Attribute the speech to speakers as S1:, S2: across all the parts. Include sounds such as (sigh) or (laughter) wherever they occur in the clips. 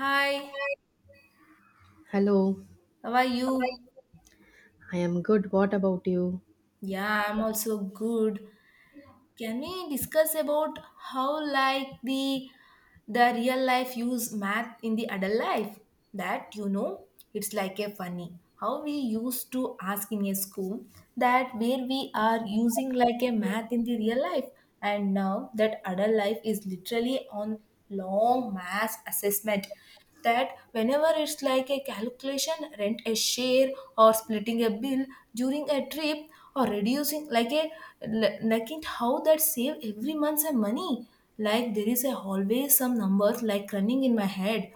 S1: Hi,
S2: Hello,
S1: how are you?
S2: I am good. What about you?
S1: Yeah, I'm also good. Can we discuss about how the real life use math in the adult life? That you know, it's like a funny how we used to ask in a school that where we are using like a math in the real life, and now that adult life is literally on long mass assessment, that whenever it's like a calculation rent a share, or splitting a bill during a trip, or reducing like a like it how that save every month some money, like there is a always some numbers like running in my head,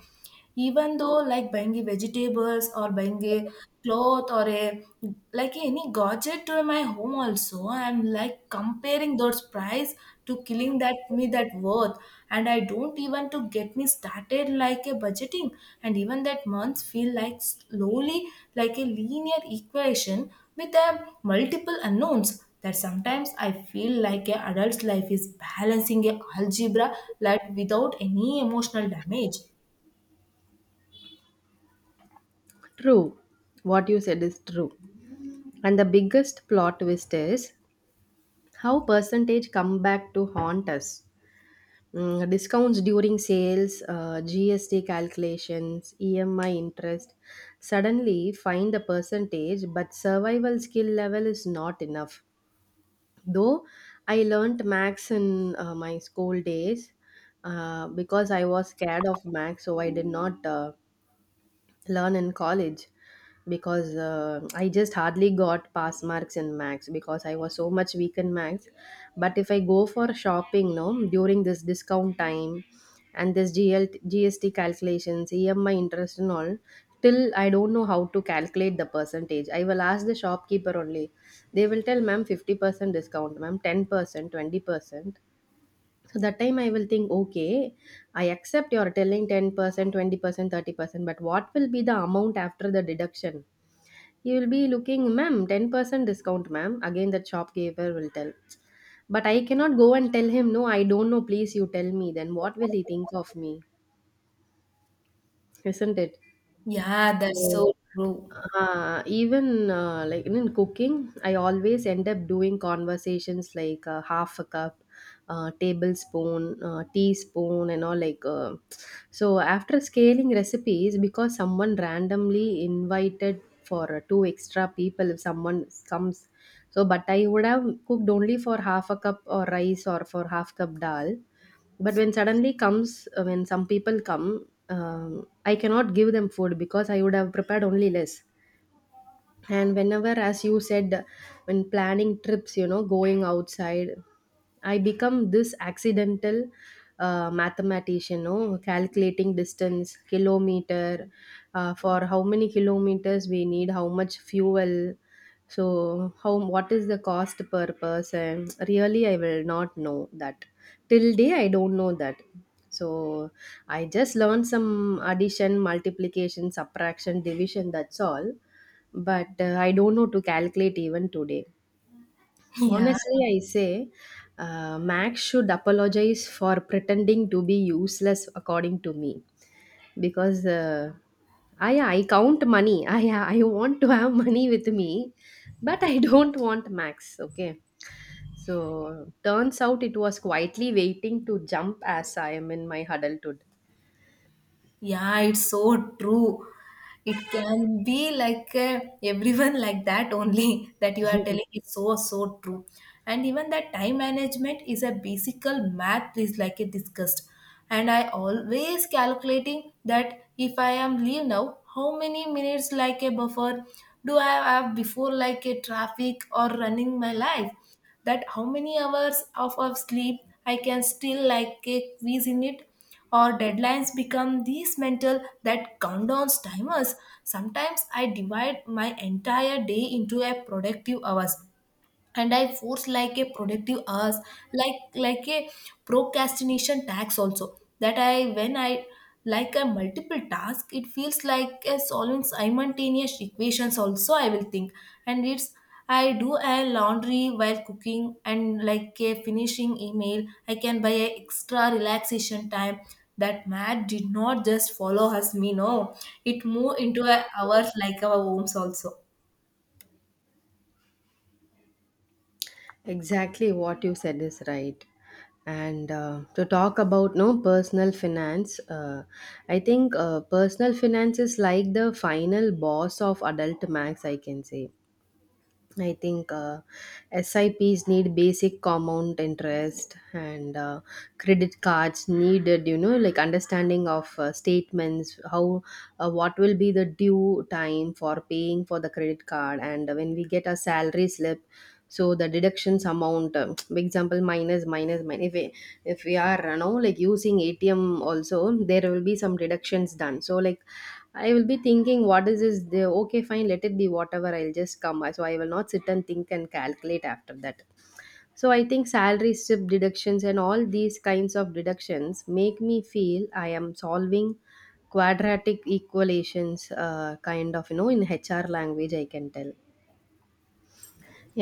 S1: even though like buying a vegetables or buying a cloth or a like any gadget to my home also I'm like comparing those price to killing that me that worth. And I don't even to get me started like a budgeting, and even that months feel like slowly like a linear equation with a multiple unknowns. That sometimes I feel like a adult's life is balancing a algebra like without any emotional damage.
S2: True. What you said is true. And the biggest plot twist is how percentage come back to haunt us. Mm, discounts during sales, GST calculations, EMI interest suddenly find the percentage, but survival skill level is not enough. Though I learnt max in my school days because I was scared of max, so I did not learn in college because I just hardly got pass marks in max because I was so much weak in max but if I go for shopping no during this discount time and this G S T gst calculations emi interest and all till I don't know how to calculate the percentage I will ask the shopkeeper only they will tell ma'am 50% discount ma'am 10% 20% so that time I will think, okay, I accept you're telling 10%, 20%, 30%, but what will be the amount after the deduction? You will be looking, ma'am, 10% discount, ma'am. Again, the shopkeeper will tell. But I cannot go and tell him, no, I don't know, please you tell me. Then what will he think of me? Isn't it?
S1: Yeah, that's
S2: So,
S1: so true.
S2: Even like in cooking, I always end up doing conversations like half a cup, tablespoon, teaspoon, and all like. So after scaling recipes, because someone randomly invited for two extra people, if someone comes, so but I would have cooked only for half a cup or rice or for half cup dal but when suddenly comes when some people come I cannot give them food because I would have prepared only less and whenever as you said when planning trips you know going outside I become this accidental mathematician no calculating distance kilometer for how many kilometers we need how much fuel so how what is the cost per person really I will not know that till day I don't know that so I just learned some addition multiplication subtraction division that's all but I don't know to calculate even today.
S1: (laughs) Yeah.
S2: Honestly, I say Max should apologize for pretending to be useless, according to me, because I yeah, I count money. (laughs) I yeah, I want to have money with me, but I don't want Max. Okay. So turns out it was quietly waiting to jump as I am in my huddle today.
S1: Yeah, it's so true. It can be like everyone (laughs) like that only (laughs) that you are telling is so true. And even that time management is a basic math is like a discussed. And I always calculating that if I am leave now, how many minutes like a buffer do I have before like a traffic or running my life? That how many hours of sleep I can still like a squeeze in it, or deadlines become these mental that countdowns timers. Sometimes I divide my entire day into a productive hours, and I force like a productive hours like a procrastination tax also, that I when I like a multiple task it feels like a solving simultaneous equations also I will think. And it's I do a laundry while cooking and like a finishing email I can buy a extra relaxation time. That math did not just follow us me no, it moved into a hours like our homes also.
S2: Exactly what you said is right. And to talk about no personal finance, I think personal finance is like the final boss of adult max. I can say. I think SIPs need basic compound interest, and credit cards needed. You know, like understanding of statements, how what will be the due time for paying for the credit card, and when we get a salary slip so the deductions amount for example minus minus minus if we are you know like using atm also there will be some deductions done so like I will be thinking what is this the okay fine let it be whatever I'll just come so I will not sit and think and calculate after that so I think salary slip deductions and all these kinds of deductions make me feel I am solving quadratic equations kind of you know in hr language I can tell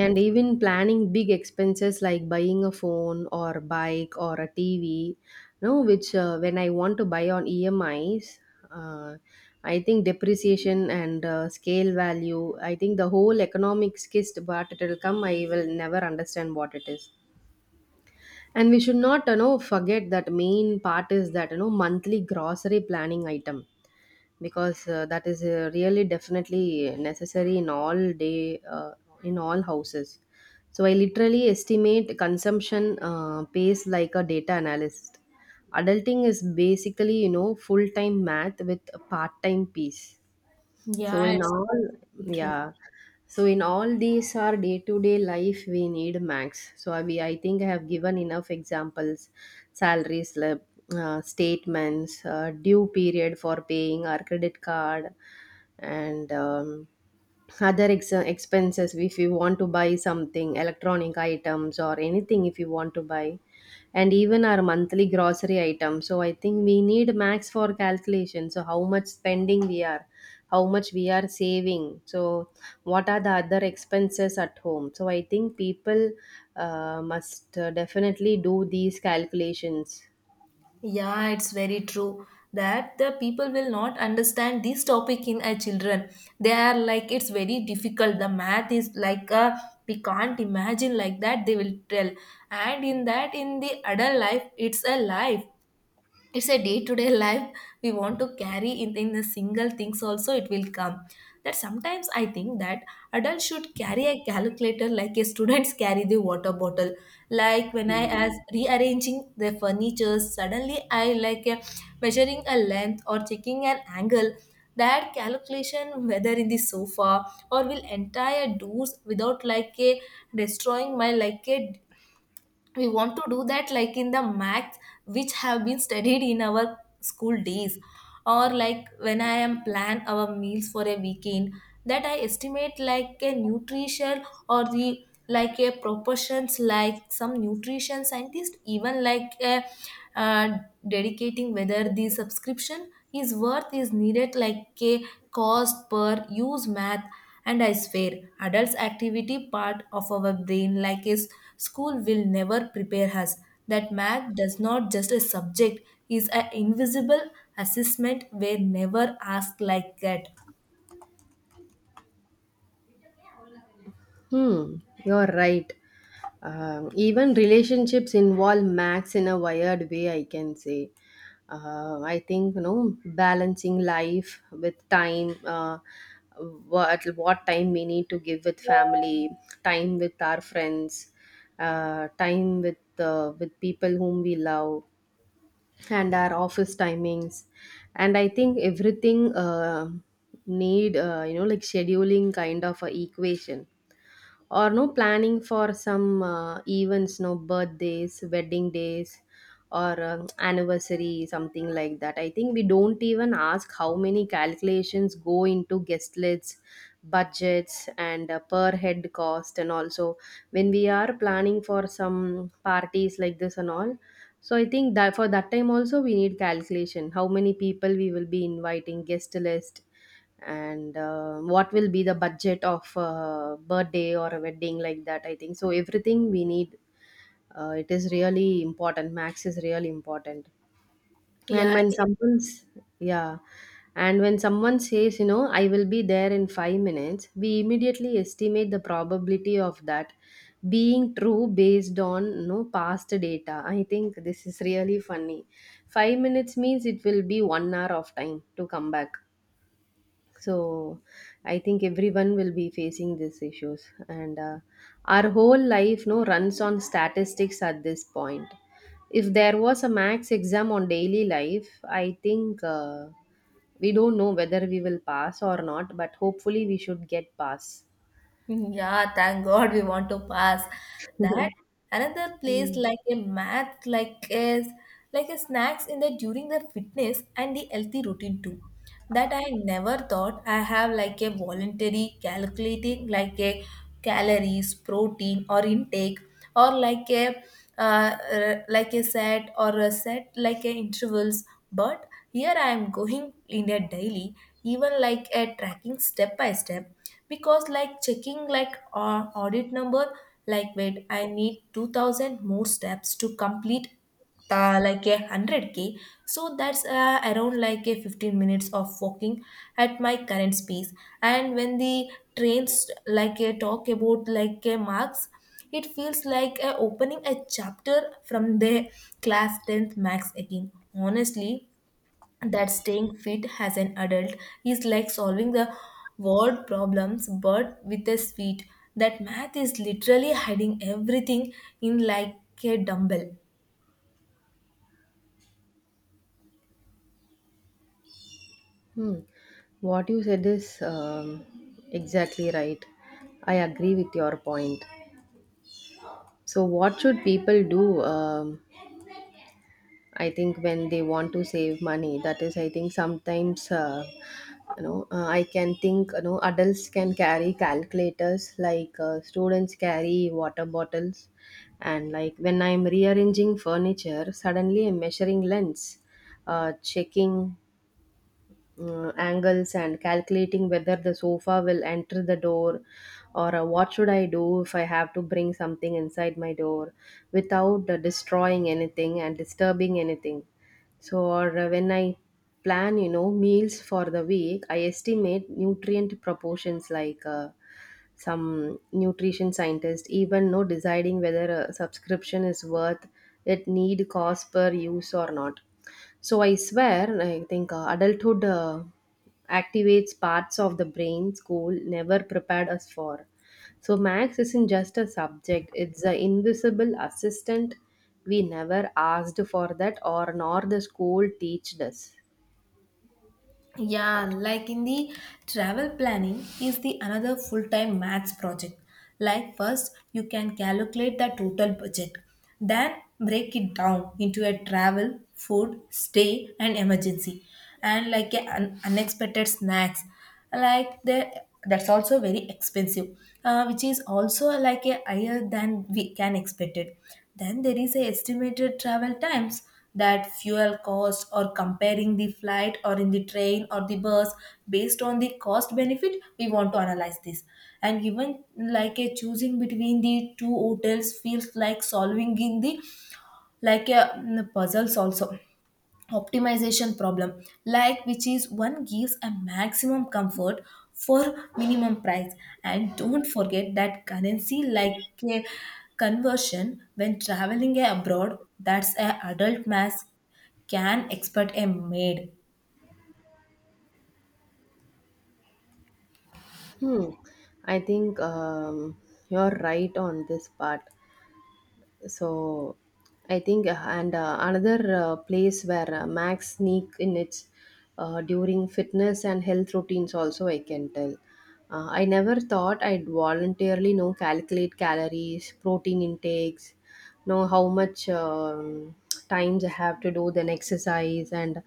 S2: and even planning big expenses like buying a phone or bike or a TV, no, which when I want to buy on EMIs, uh, I think depreciation and scale value, I think the whole economics kissed, but it will come, I will never understand what it is. And we should not, you know, forget that main part is that, you know, monthly grocery planning item because that is really definitely necessary in all day in all houses so I literally estimate consumption pace like a data analyst adulting is basically you know full time math with a part time piece so
S1: Yeah,
S2: in
S1: it's
S2: all,
S1: true.
S2: yeah. So in all these our day-to-day life, we need max. We, I think I have given enough examples, salary slip, statements, due period for paying our credit card, and other expenses if you want to buy something electronic items or anything if you want to buy and even our monthly grocery items so I think we need max for calculation so how much spending we are how much we are saving so what are the other expenses at home so I think people must definitely do these calculations.
S1: Yeah, it's very true that the people will not understand this topic in a children. They are like, it's very difficult. The math is like, a, we can't imagine like that, they will tell. And in that, in the adult life, it's a life, it's a day-to-day (laughs) life we want to carry in the single things also it will come. That sometimes I think that adults should carry a calculator like a students (laughs) carry the water bottle. Like when I as rearranging the furniture suddenly I like a measuring a length or checking an angle, that calculation whether in the sofa or will entire doors without like a destroying my like a, we want to do that like in the maths which have been studied in our school days. Or like when I am plan our meals for a weekend, that I estimate like a nutrition or the like a proportions like some nutrition scientist, even like a uh, dedicating whether the subscription is worth is needed like a cost per use math. And I swear, adults' activity part of our brain, like is school, will never prepare us. That math does not just a subject, is an invisible assessment where never asked like that.
S2: Hmm, you're right. Even relationships involve Max in a wired way, I can say. I think, you know, balancing life with time, what time we need to give with family, time with our friends, time with people whom we love, and our office timings. And I think everything need, you know, like scheduling kind of a equation or no planning for some events no birthdays wedding days or anniversary something like that I think we don't even ask how many calculations go into guest lists budgets and per head cost and also when we are planning for some parties like this and all so I think that for that time also we need calculation. How many people we will be inviting, guest list, and what will be the budget of a birthday or a wedding like that. I think so. Everything we need. It is really important. Max is really important and
S1: Yeah.
S2: when someone's yeah And when someone says you know I will be there in 5 minutes we immediately estimate the probability of that being true based on you know past data I think this is really funny 5 minutes means it will be 1 hour of time to come back so I think everyone will be facing these issues and our whole life no runs on statistics at this point if there was a max exam on daily life I think we don't know whether we will pass or not but hopefully we should get pass.
S1: Yeah, thank God we want to pass that. Another place like a math, like is like a snacks in the during the fitness and the healthy routine too. That I never thought I have like a voluntary calculating like a calories, protein or intake, or like a like a set or a set like a intervals. But here I am going in a daily, even like a tracking step by step, because like checking like audit number, like wait I need 2000 more steps to complete like a 100K. So that's around like a 15 minutes of walking at my current speed. And when the trains like a talk about like a marks, it feels like opening a chapter from the class 10th max again, honestly, that staying fit as an adult is like solving the word problems but with a sweet. That math is literally hiding everything in like a dumbbell.
S2: Hmm. What you said is exactly right I agree with your point so what should people do um, I think when they want to save money, that is, I think sometimes, you know, I can think, you know, adults can carry calculators like students carry water bottles. And like when I'm rearranging furniture, suddenly I'm measuring lengths, checking angles and calculating whether the sofa will enter the door or what should I do if I have to bring something inside my door without destroying anything and disturbing anything so or when I plan you know meals for the week I estimate nutrient proportions like some nutrition scientist even know deciding whether a subscription is worth it need cost per use or not so I swear I think adulthood activates parts of the brain school never prepared us for so max isn't just a subject it's an invisible assistant we never asked for that or nor the school teached us.
S1: Yeah, like in the travel planning is the another full-time maths project. Like first you can calculate the total budget, then break it down into a travel, food, stay and emergency, and like a unexpected snacks like the, that's also very expensive, which is also like a higher than we can expect it. Then there is a estimated travel times, that fuel cost or comparing the flight or in the train or the bus based on the cost benefit we want to analyze this. And even like a choosing between the two hotels feels like solving in the like a puzzles also optimization problem, like which is one gives a maximum comfort for minimum price. And don't forget that currency like a conversion when traveling abroad, that's a adult mass can expect a maid.
S2: Hmm. I think you're right on this part. So I think and another place where max sneak in its during fitness and health routines also I can tell I never thought I'd voluntarily know calculate calories protein intakes know how much times I have to do then exercise and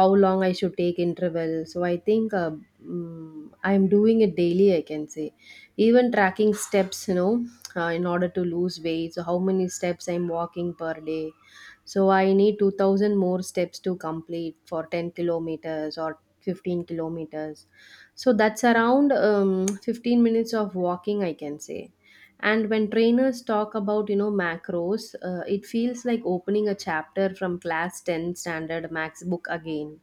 S2: how long I should take interval so I think I'm doing it daily I can say even tracking steps you know in order to lose weight so how many steps I'm walking per day so I need 2,000 more steps to complete for 10 kilometers or 15 kilometers so that's around 15 minutes of walking I can say and when trainers talk about you know macros it feels like opening a chapter from class 10 standard max book again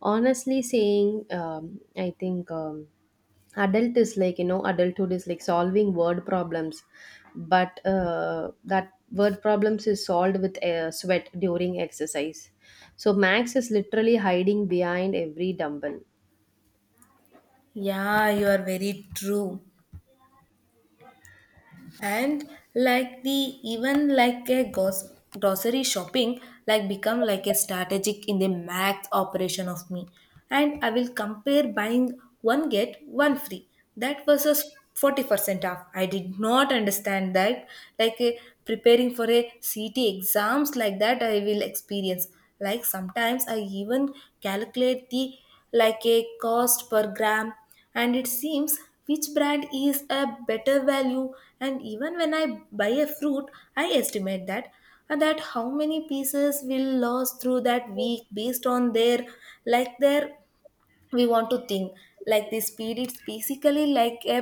S2: honestly saying I think adult is like you know adulthood is like solving word problems but that word problems is solved with sweat during exercise so max is literally hiding behind every dumbbell.
S1: Yeah, you are very true. And like the even like a grocery shopping like become like a strategic in the max operation of me. And I will compare buying one get one free, that versus 40% off, I did not understand that like a, preparing for a ct exams, like that I will experience. Like sometimes I even calculate the like a cost per gram, and it seems which brand is a better value. And even when I buy a fruit, I estimate that that how many pieces will lose through that week based on their like their, we want to think like the speed. It's basically like a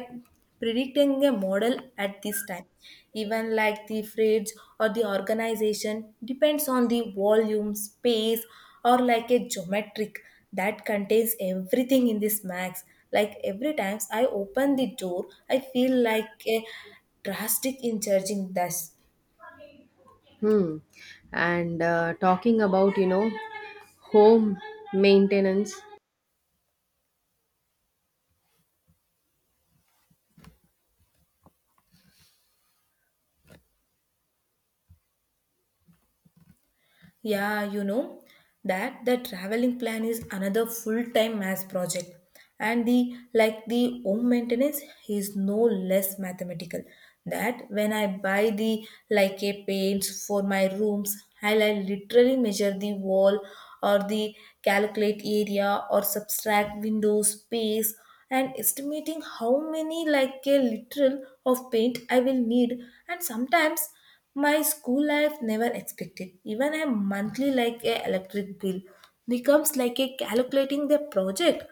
S1: predicting a model at this time. Even like the phrase or the organization depends on the volume space or like a geometric that contains everything in this max. Like every times I open the door I feel like a drastic in charging thus.
S2: Hmm. And talking about you know home maintenance.
S1: Yeah, you know, that the traveling plan is another full-time math project. And the like the home maintenance is no less mathematical, that when I buy the like a paints for my rooms, I literally measure the wall or the calculate area or subtract window space, and estimating how many like a literal of paint I will need. And sometimes my school life never expected. Even a monthly like a electric bill becomes like a calculating the project.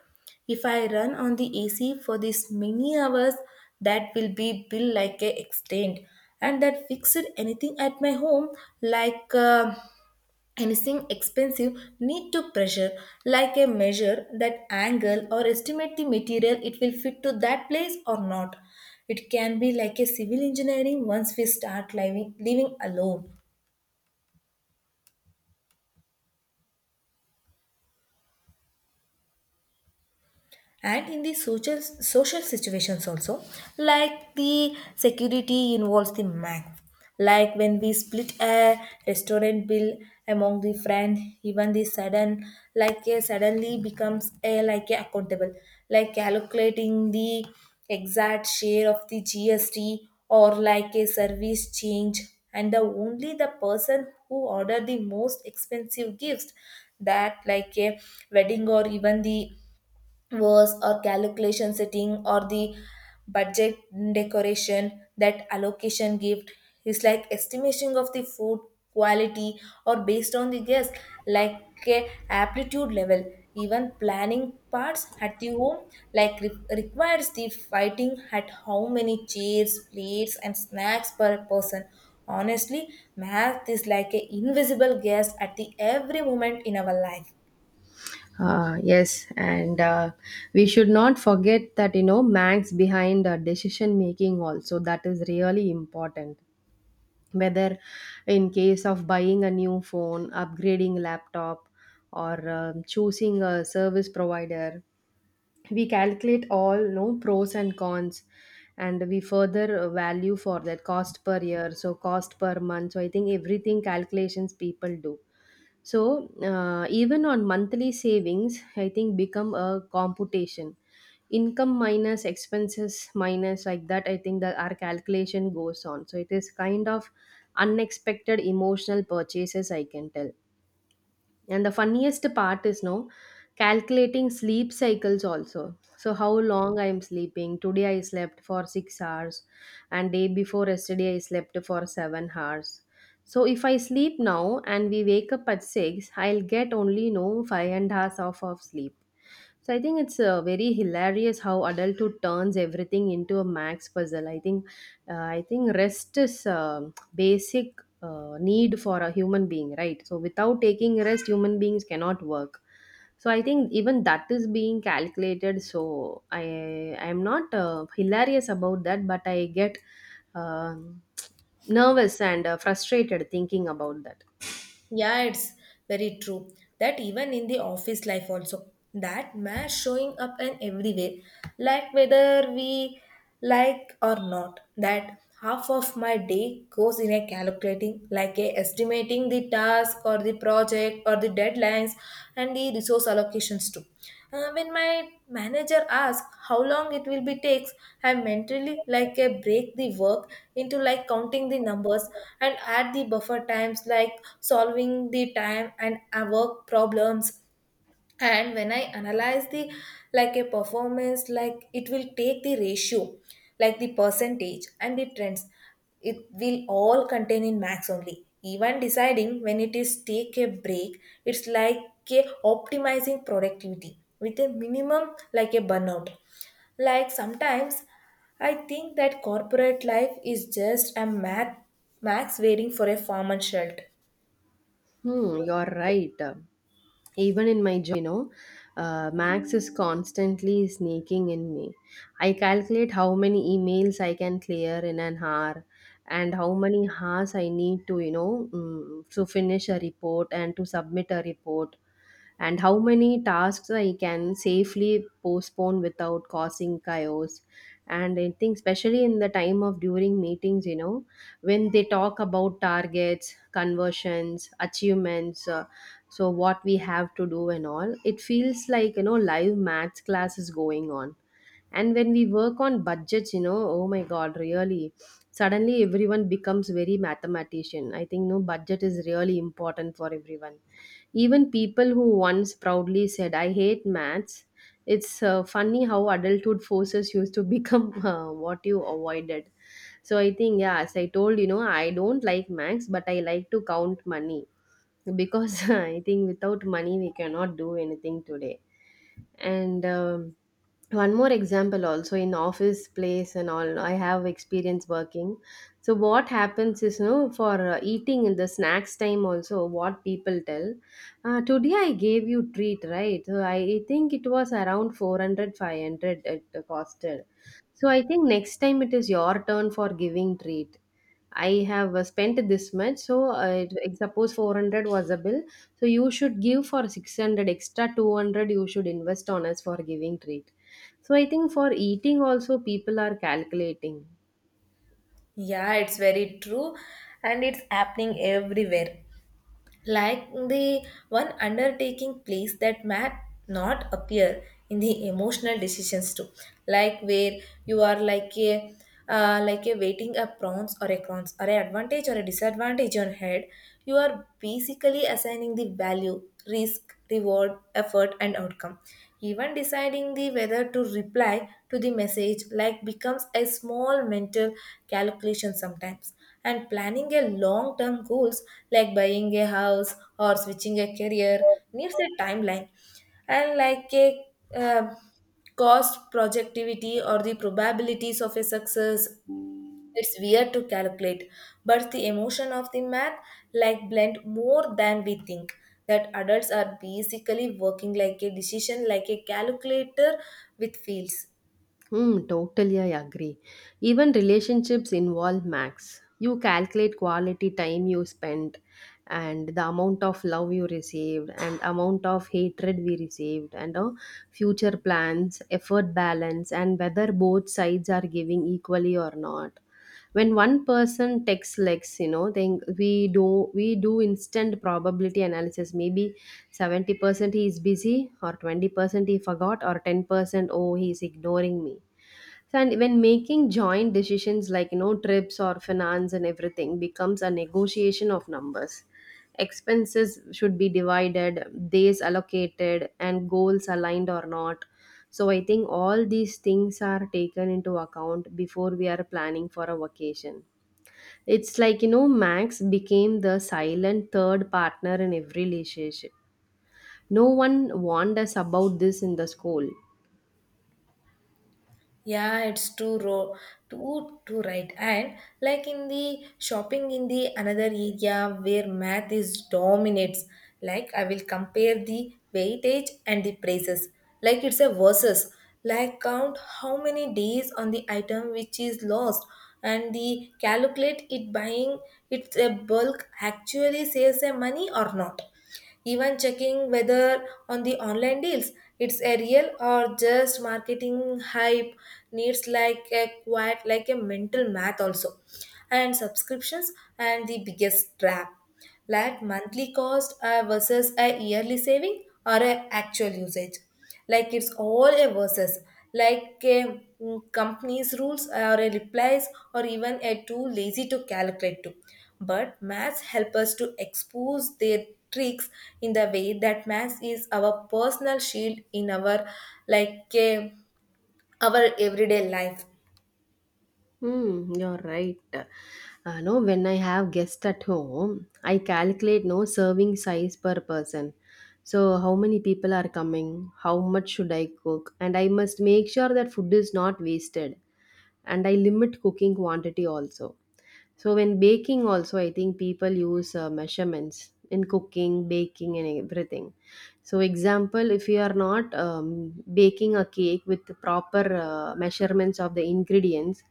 S1: If I run on the AC for this many hours, that will be bill like a extent. And that fixed anything at my home like anything expensive need to pressure, like a measure that angle or estimate the material it will fit to that place or not. It can be like a civil engineering once we start living alone. And in the social situations also, like the security involves the math, like when we split a restaurant bill among the friend. Even the sudden like a suddenly becomes a like a accountable, like calculating the exact share of the gst or like a service change. And the only the person who order the most expensive gifts, that like a wedding or even the was or calculation setting or the budget decoration that allocation gift, is like estimation of the food quality or based on the guest like a aptitude level. Even planning parts at the home like requires the fighting at how many chairs plates and snacks per person. Honestly, math is like a invisible guest at the every moment in our life.
S2: Yes, and we should not forget that you know Manx behind decision making also that is really important. Whether in case of buying a new phone, upgrading laptop, or choosing a service provider, we calculate all no pros and cons, and we further value for that cost per year, so cost per month. So I think everything calculations people do so even on monthly savings, I think become a computation. Income minus expenses minus like that, I think that our calculation goes on. So it is kind of unexpected emotional purchases, I can tell. And the funniest part is no calculating sleep cycles also. So how long I am sleeping. Today I slept for 6 hours and day before yesterday I slept for 7 hours. So if I sleep now and we wake up at 6, I'll get only no 5 and a half hours of sleep. So I think it's very hilarious how adulthood turns everything into a max puzzle. I think rest is basic need for a human being, right? So without taking rest, human beings cannot work. So I think even that is being calculated. So I am not hilarious about that, but I get um (tsk) nervous and frustrated thinking about that.
S1: Yeah, it's very true that even in the office life also that mass showing up and everywhere, like whether we like or not, that half of my day goes in a calculating like a estimating the task or the project or for the deadlines and the resource allocations too. When my manager asks how long it will be takes, I mentally like a break the work into like counting the numbers and add the buffer times like solving the time and work problems. And when I analyze the like a performance, like it will take the ratio like the percentage and the trends, it will all contain in max only. Even deciding when it is take a break, it's like a optimizing productivity with a minimum like a burnout. Like sometimes I think that corporate life is just a mat max waiting for a farmer shelter.
S2: Hmm, you're right. Even in my job, you know, Max is constantly sneaking in me. I calculate how many emails I can clear in an hour and how many hours I need to, you know, to finish a report and to submit a report and how many tasks I can safely postpone without causing chaos. And I think, especially in the time of during meetings, you know, when they talk about targets, conversions, achievements, so what we have to do and all, it feels like, you know, live maths class is going on. And when we work on budgets, you know, oh my God, really, suddenly everyone becomes very mathematician. I think, no, budget is really important for everyone, even people who once proudly said, I hate maths. It's funny how adulthood forces you to become (laughs) what you avoided. So I think, yeah, as I told, you know, I don't like maths, but I like to count money because (laughs) I think without money, we cannot do anything today. And one more example also, in office place and all, I have experience working. So what happens is, no, for eating in the snacks time also, what people tell, today I gave you treat, right? So I think it was around 400, five hundred 500 it costed. So I think next time it is your turn for giving treat. I have spent this much, so suppose 400 was a bill, so you should give for 600, extra 200 you should invest on us for giving treat. So I think for eating also people are calculating.
S1: Yeah, it's very true, and it's happening everywhere. Like the one undertaking place that might not appear in the emotional decisions too, like where you are like a waiting a prawns or a cons or a advantage or a disadvantage on head, you are basically assigning the value risk reward effort and outcome. Even deciding the whether to reply to the message like becomes a small mental calculation sometimes. And planning a long term goals like buying a house or switching a career needs a timeline and like a uh, cost projectivity or the probabilities of a success. It's weird to calculate, but the emotion of the math like blend more than we think, that adults are basically working like a decision like a calculator with fields.
S2: Hmm, totally, I agree. Even relationships involve max. You calculate quality time you spent and the amount of love you received and amount of hatred we received and future plans, effort balance and whether both sides are giving equally or not. When one person texts lex, you know, then we do instant probability analysis. Maybe 70% he is busy or 20% he forgot or 10% oh he is ignoring me. So, and when making joint decisions like, you know, trips or finance, and everything becomes a negotiation of numbers. Expenses should be divided, days allocated and goals aligned or not. So I think all these things are taken into account before we are planning for a vacation. It's like, you know, max became the silent third partner in every relationship. No one warned us about this in the school.
S1: Yeah, it's too raw, too right. And like in the shopping in the another area where math is dominates. Like I will compare the weightage and the prices. Like it's a versus. Like count how many days on the item which is lost, and the calculate it buying it's a bulk actually saves a money or not. Even checking whether on the online deals it's a real or just marketing hype needs like a quite like a mental math also. And subscriptions and the biggest trap, like monthly cost versus a yearly saving or a actual usage, like it's all a versus like a company's rules or a replies, or even a too lazy to calculate to. But maths help us to expose their tricks in the way that maths is our personal shield in our like a, our everyday life.
S2: Hmm, you're right. No, when I have guests at home, I calculate no serving size per person. So how many people are coming? How much should I cook? And I must make sure that food is not wasted. And I limit cooking quantity also. So when baking also, I think people use measurements in cooking, baking, and everything. So example, if you are not baking a cake with the proper measurements of the ingredients,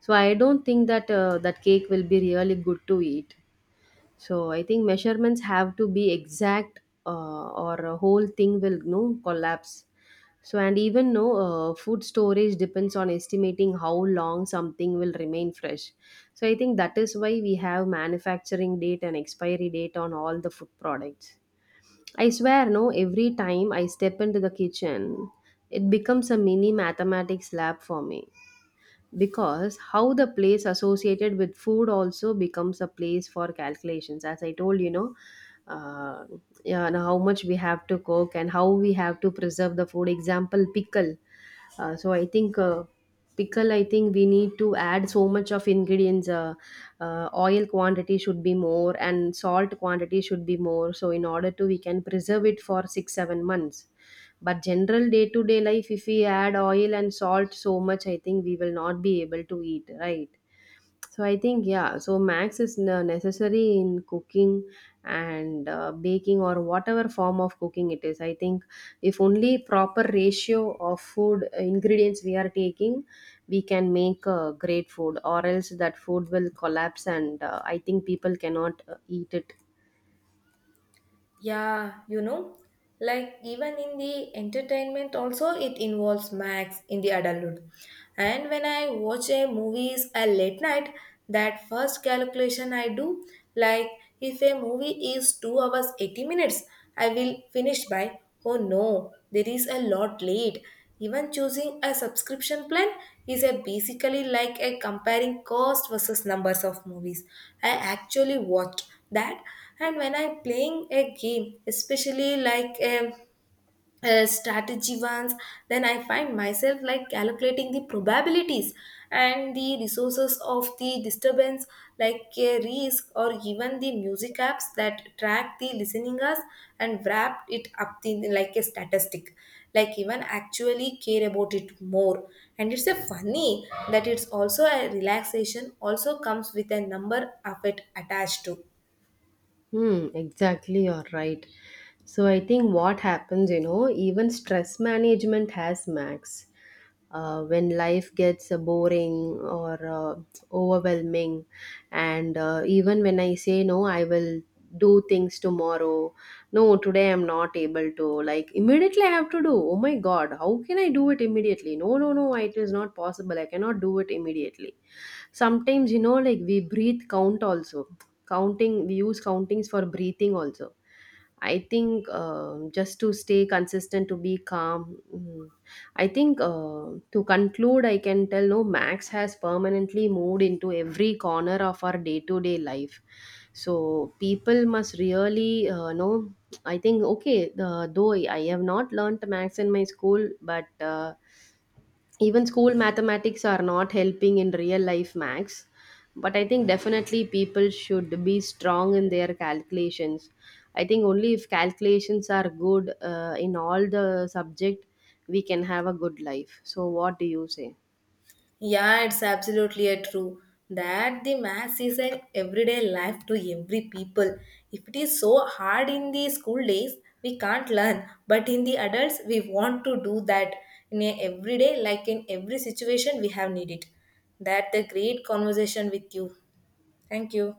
S2: so I don't think that that cake will be really good to eat. So I think measurements have to be exact, or a whole thing will no collapse. So and even no food storage depends on estimating how long something will remain fresh. So I think that is why we have manufacturing date and expiry date on all the food products. I swear, no, every time I step into the kitchen, it becomes a mini mathematics lab for me, because how the place associated with food also becomes a place for calculations, as I told you know. uh, yeah, and how much we have to cook and how we have to preserve the food, example pickle. So I think Pickle, I think we need to add so much of ingredients, oil quantity should be more and salt quantity should be more, so in order to we can preserve it for 6 7 months. But general day to day life, if we add oil and salt so much, I think we will not be able to eat, right? So I think, yeah, so max is necessary in cooking and baking or whatever form of cooking it is. I think if only proper ratio of food ingredients we are taking, we can make a great food, or else that food will collapse and I think people cannot eat it.
S1: Yeah, you know, like even in the entertainment also it involves Max in the adulthood. And when I watch a movies at late night, that first calculation I do, like if a movie is 2 hours 80 minutes, I will finish by oh no, there is a lot late. Even choosing a subscription plan is a basically like a comparing cost versus numbers of movies I actually watched that. And when I'm playing a game, especially like a strategy ones, then I find myself like calculating the probabilities and the resources of the disturbance like a risk. Or even the music apps that track the listening us and wrap it up in like a statistic, like even actually care about it more. And it's a funny that it's also a relaxation also comes with a number of it attached to.
S2: Hmm, exactly, you're right. So I think what happens, you know, even stress management has max. When life gets boring or overwhelming, and even when I say, no, I will do things tomorrow. No, today I'm not able to. Like immediately, I have to do. Oh my God, how can I do it immediately? No, no, no, it is not possible. I cannot do it immediately. Sometimes, you know, like we breathe count also, counting we use countings for breathing also, I think just to stay consistent to be calm. mm, I think to conclude I can tell, no, max has permanently moved into every corner of our day to day life. So people must really know, I think, okay, the, though I have not learnt max in my school, but even school mathematics are not helping in real life max. But I think definitely people should be strong in their calculations. I think only if calculations are good in all the subject, we can have a good life. So what do you say?
S1: Yeah, it's absolutely a true that the maths is an everyday life to every people. If it is so hard in the school days, we can't learn, but in the adults, we want to do that in a everyday, like in every situation we have needed. That the great conversation with you. Thank you.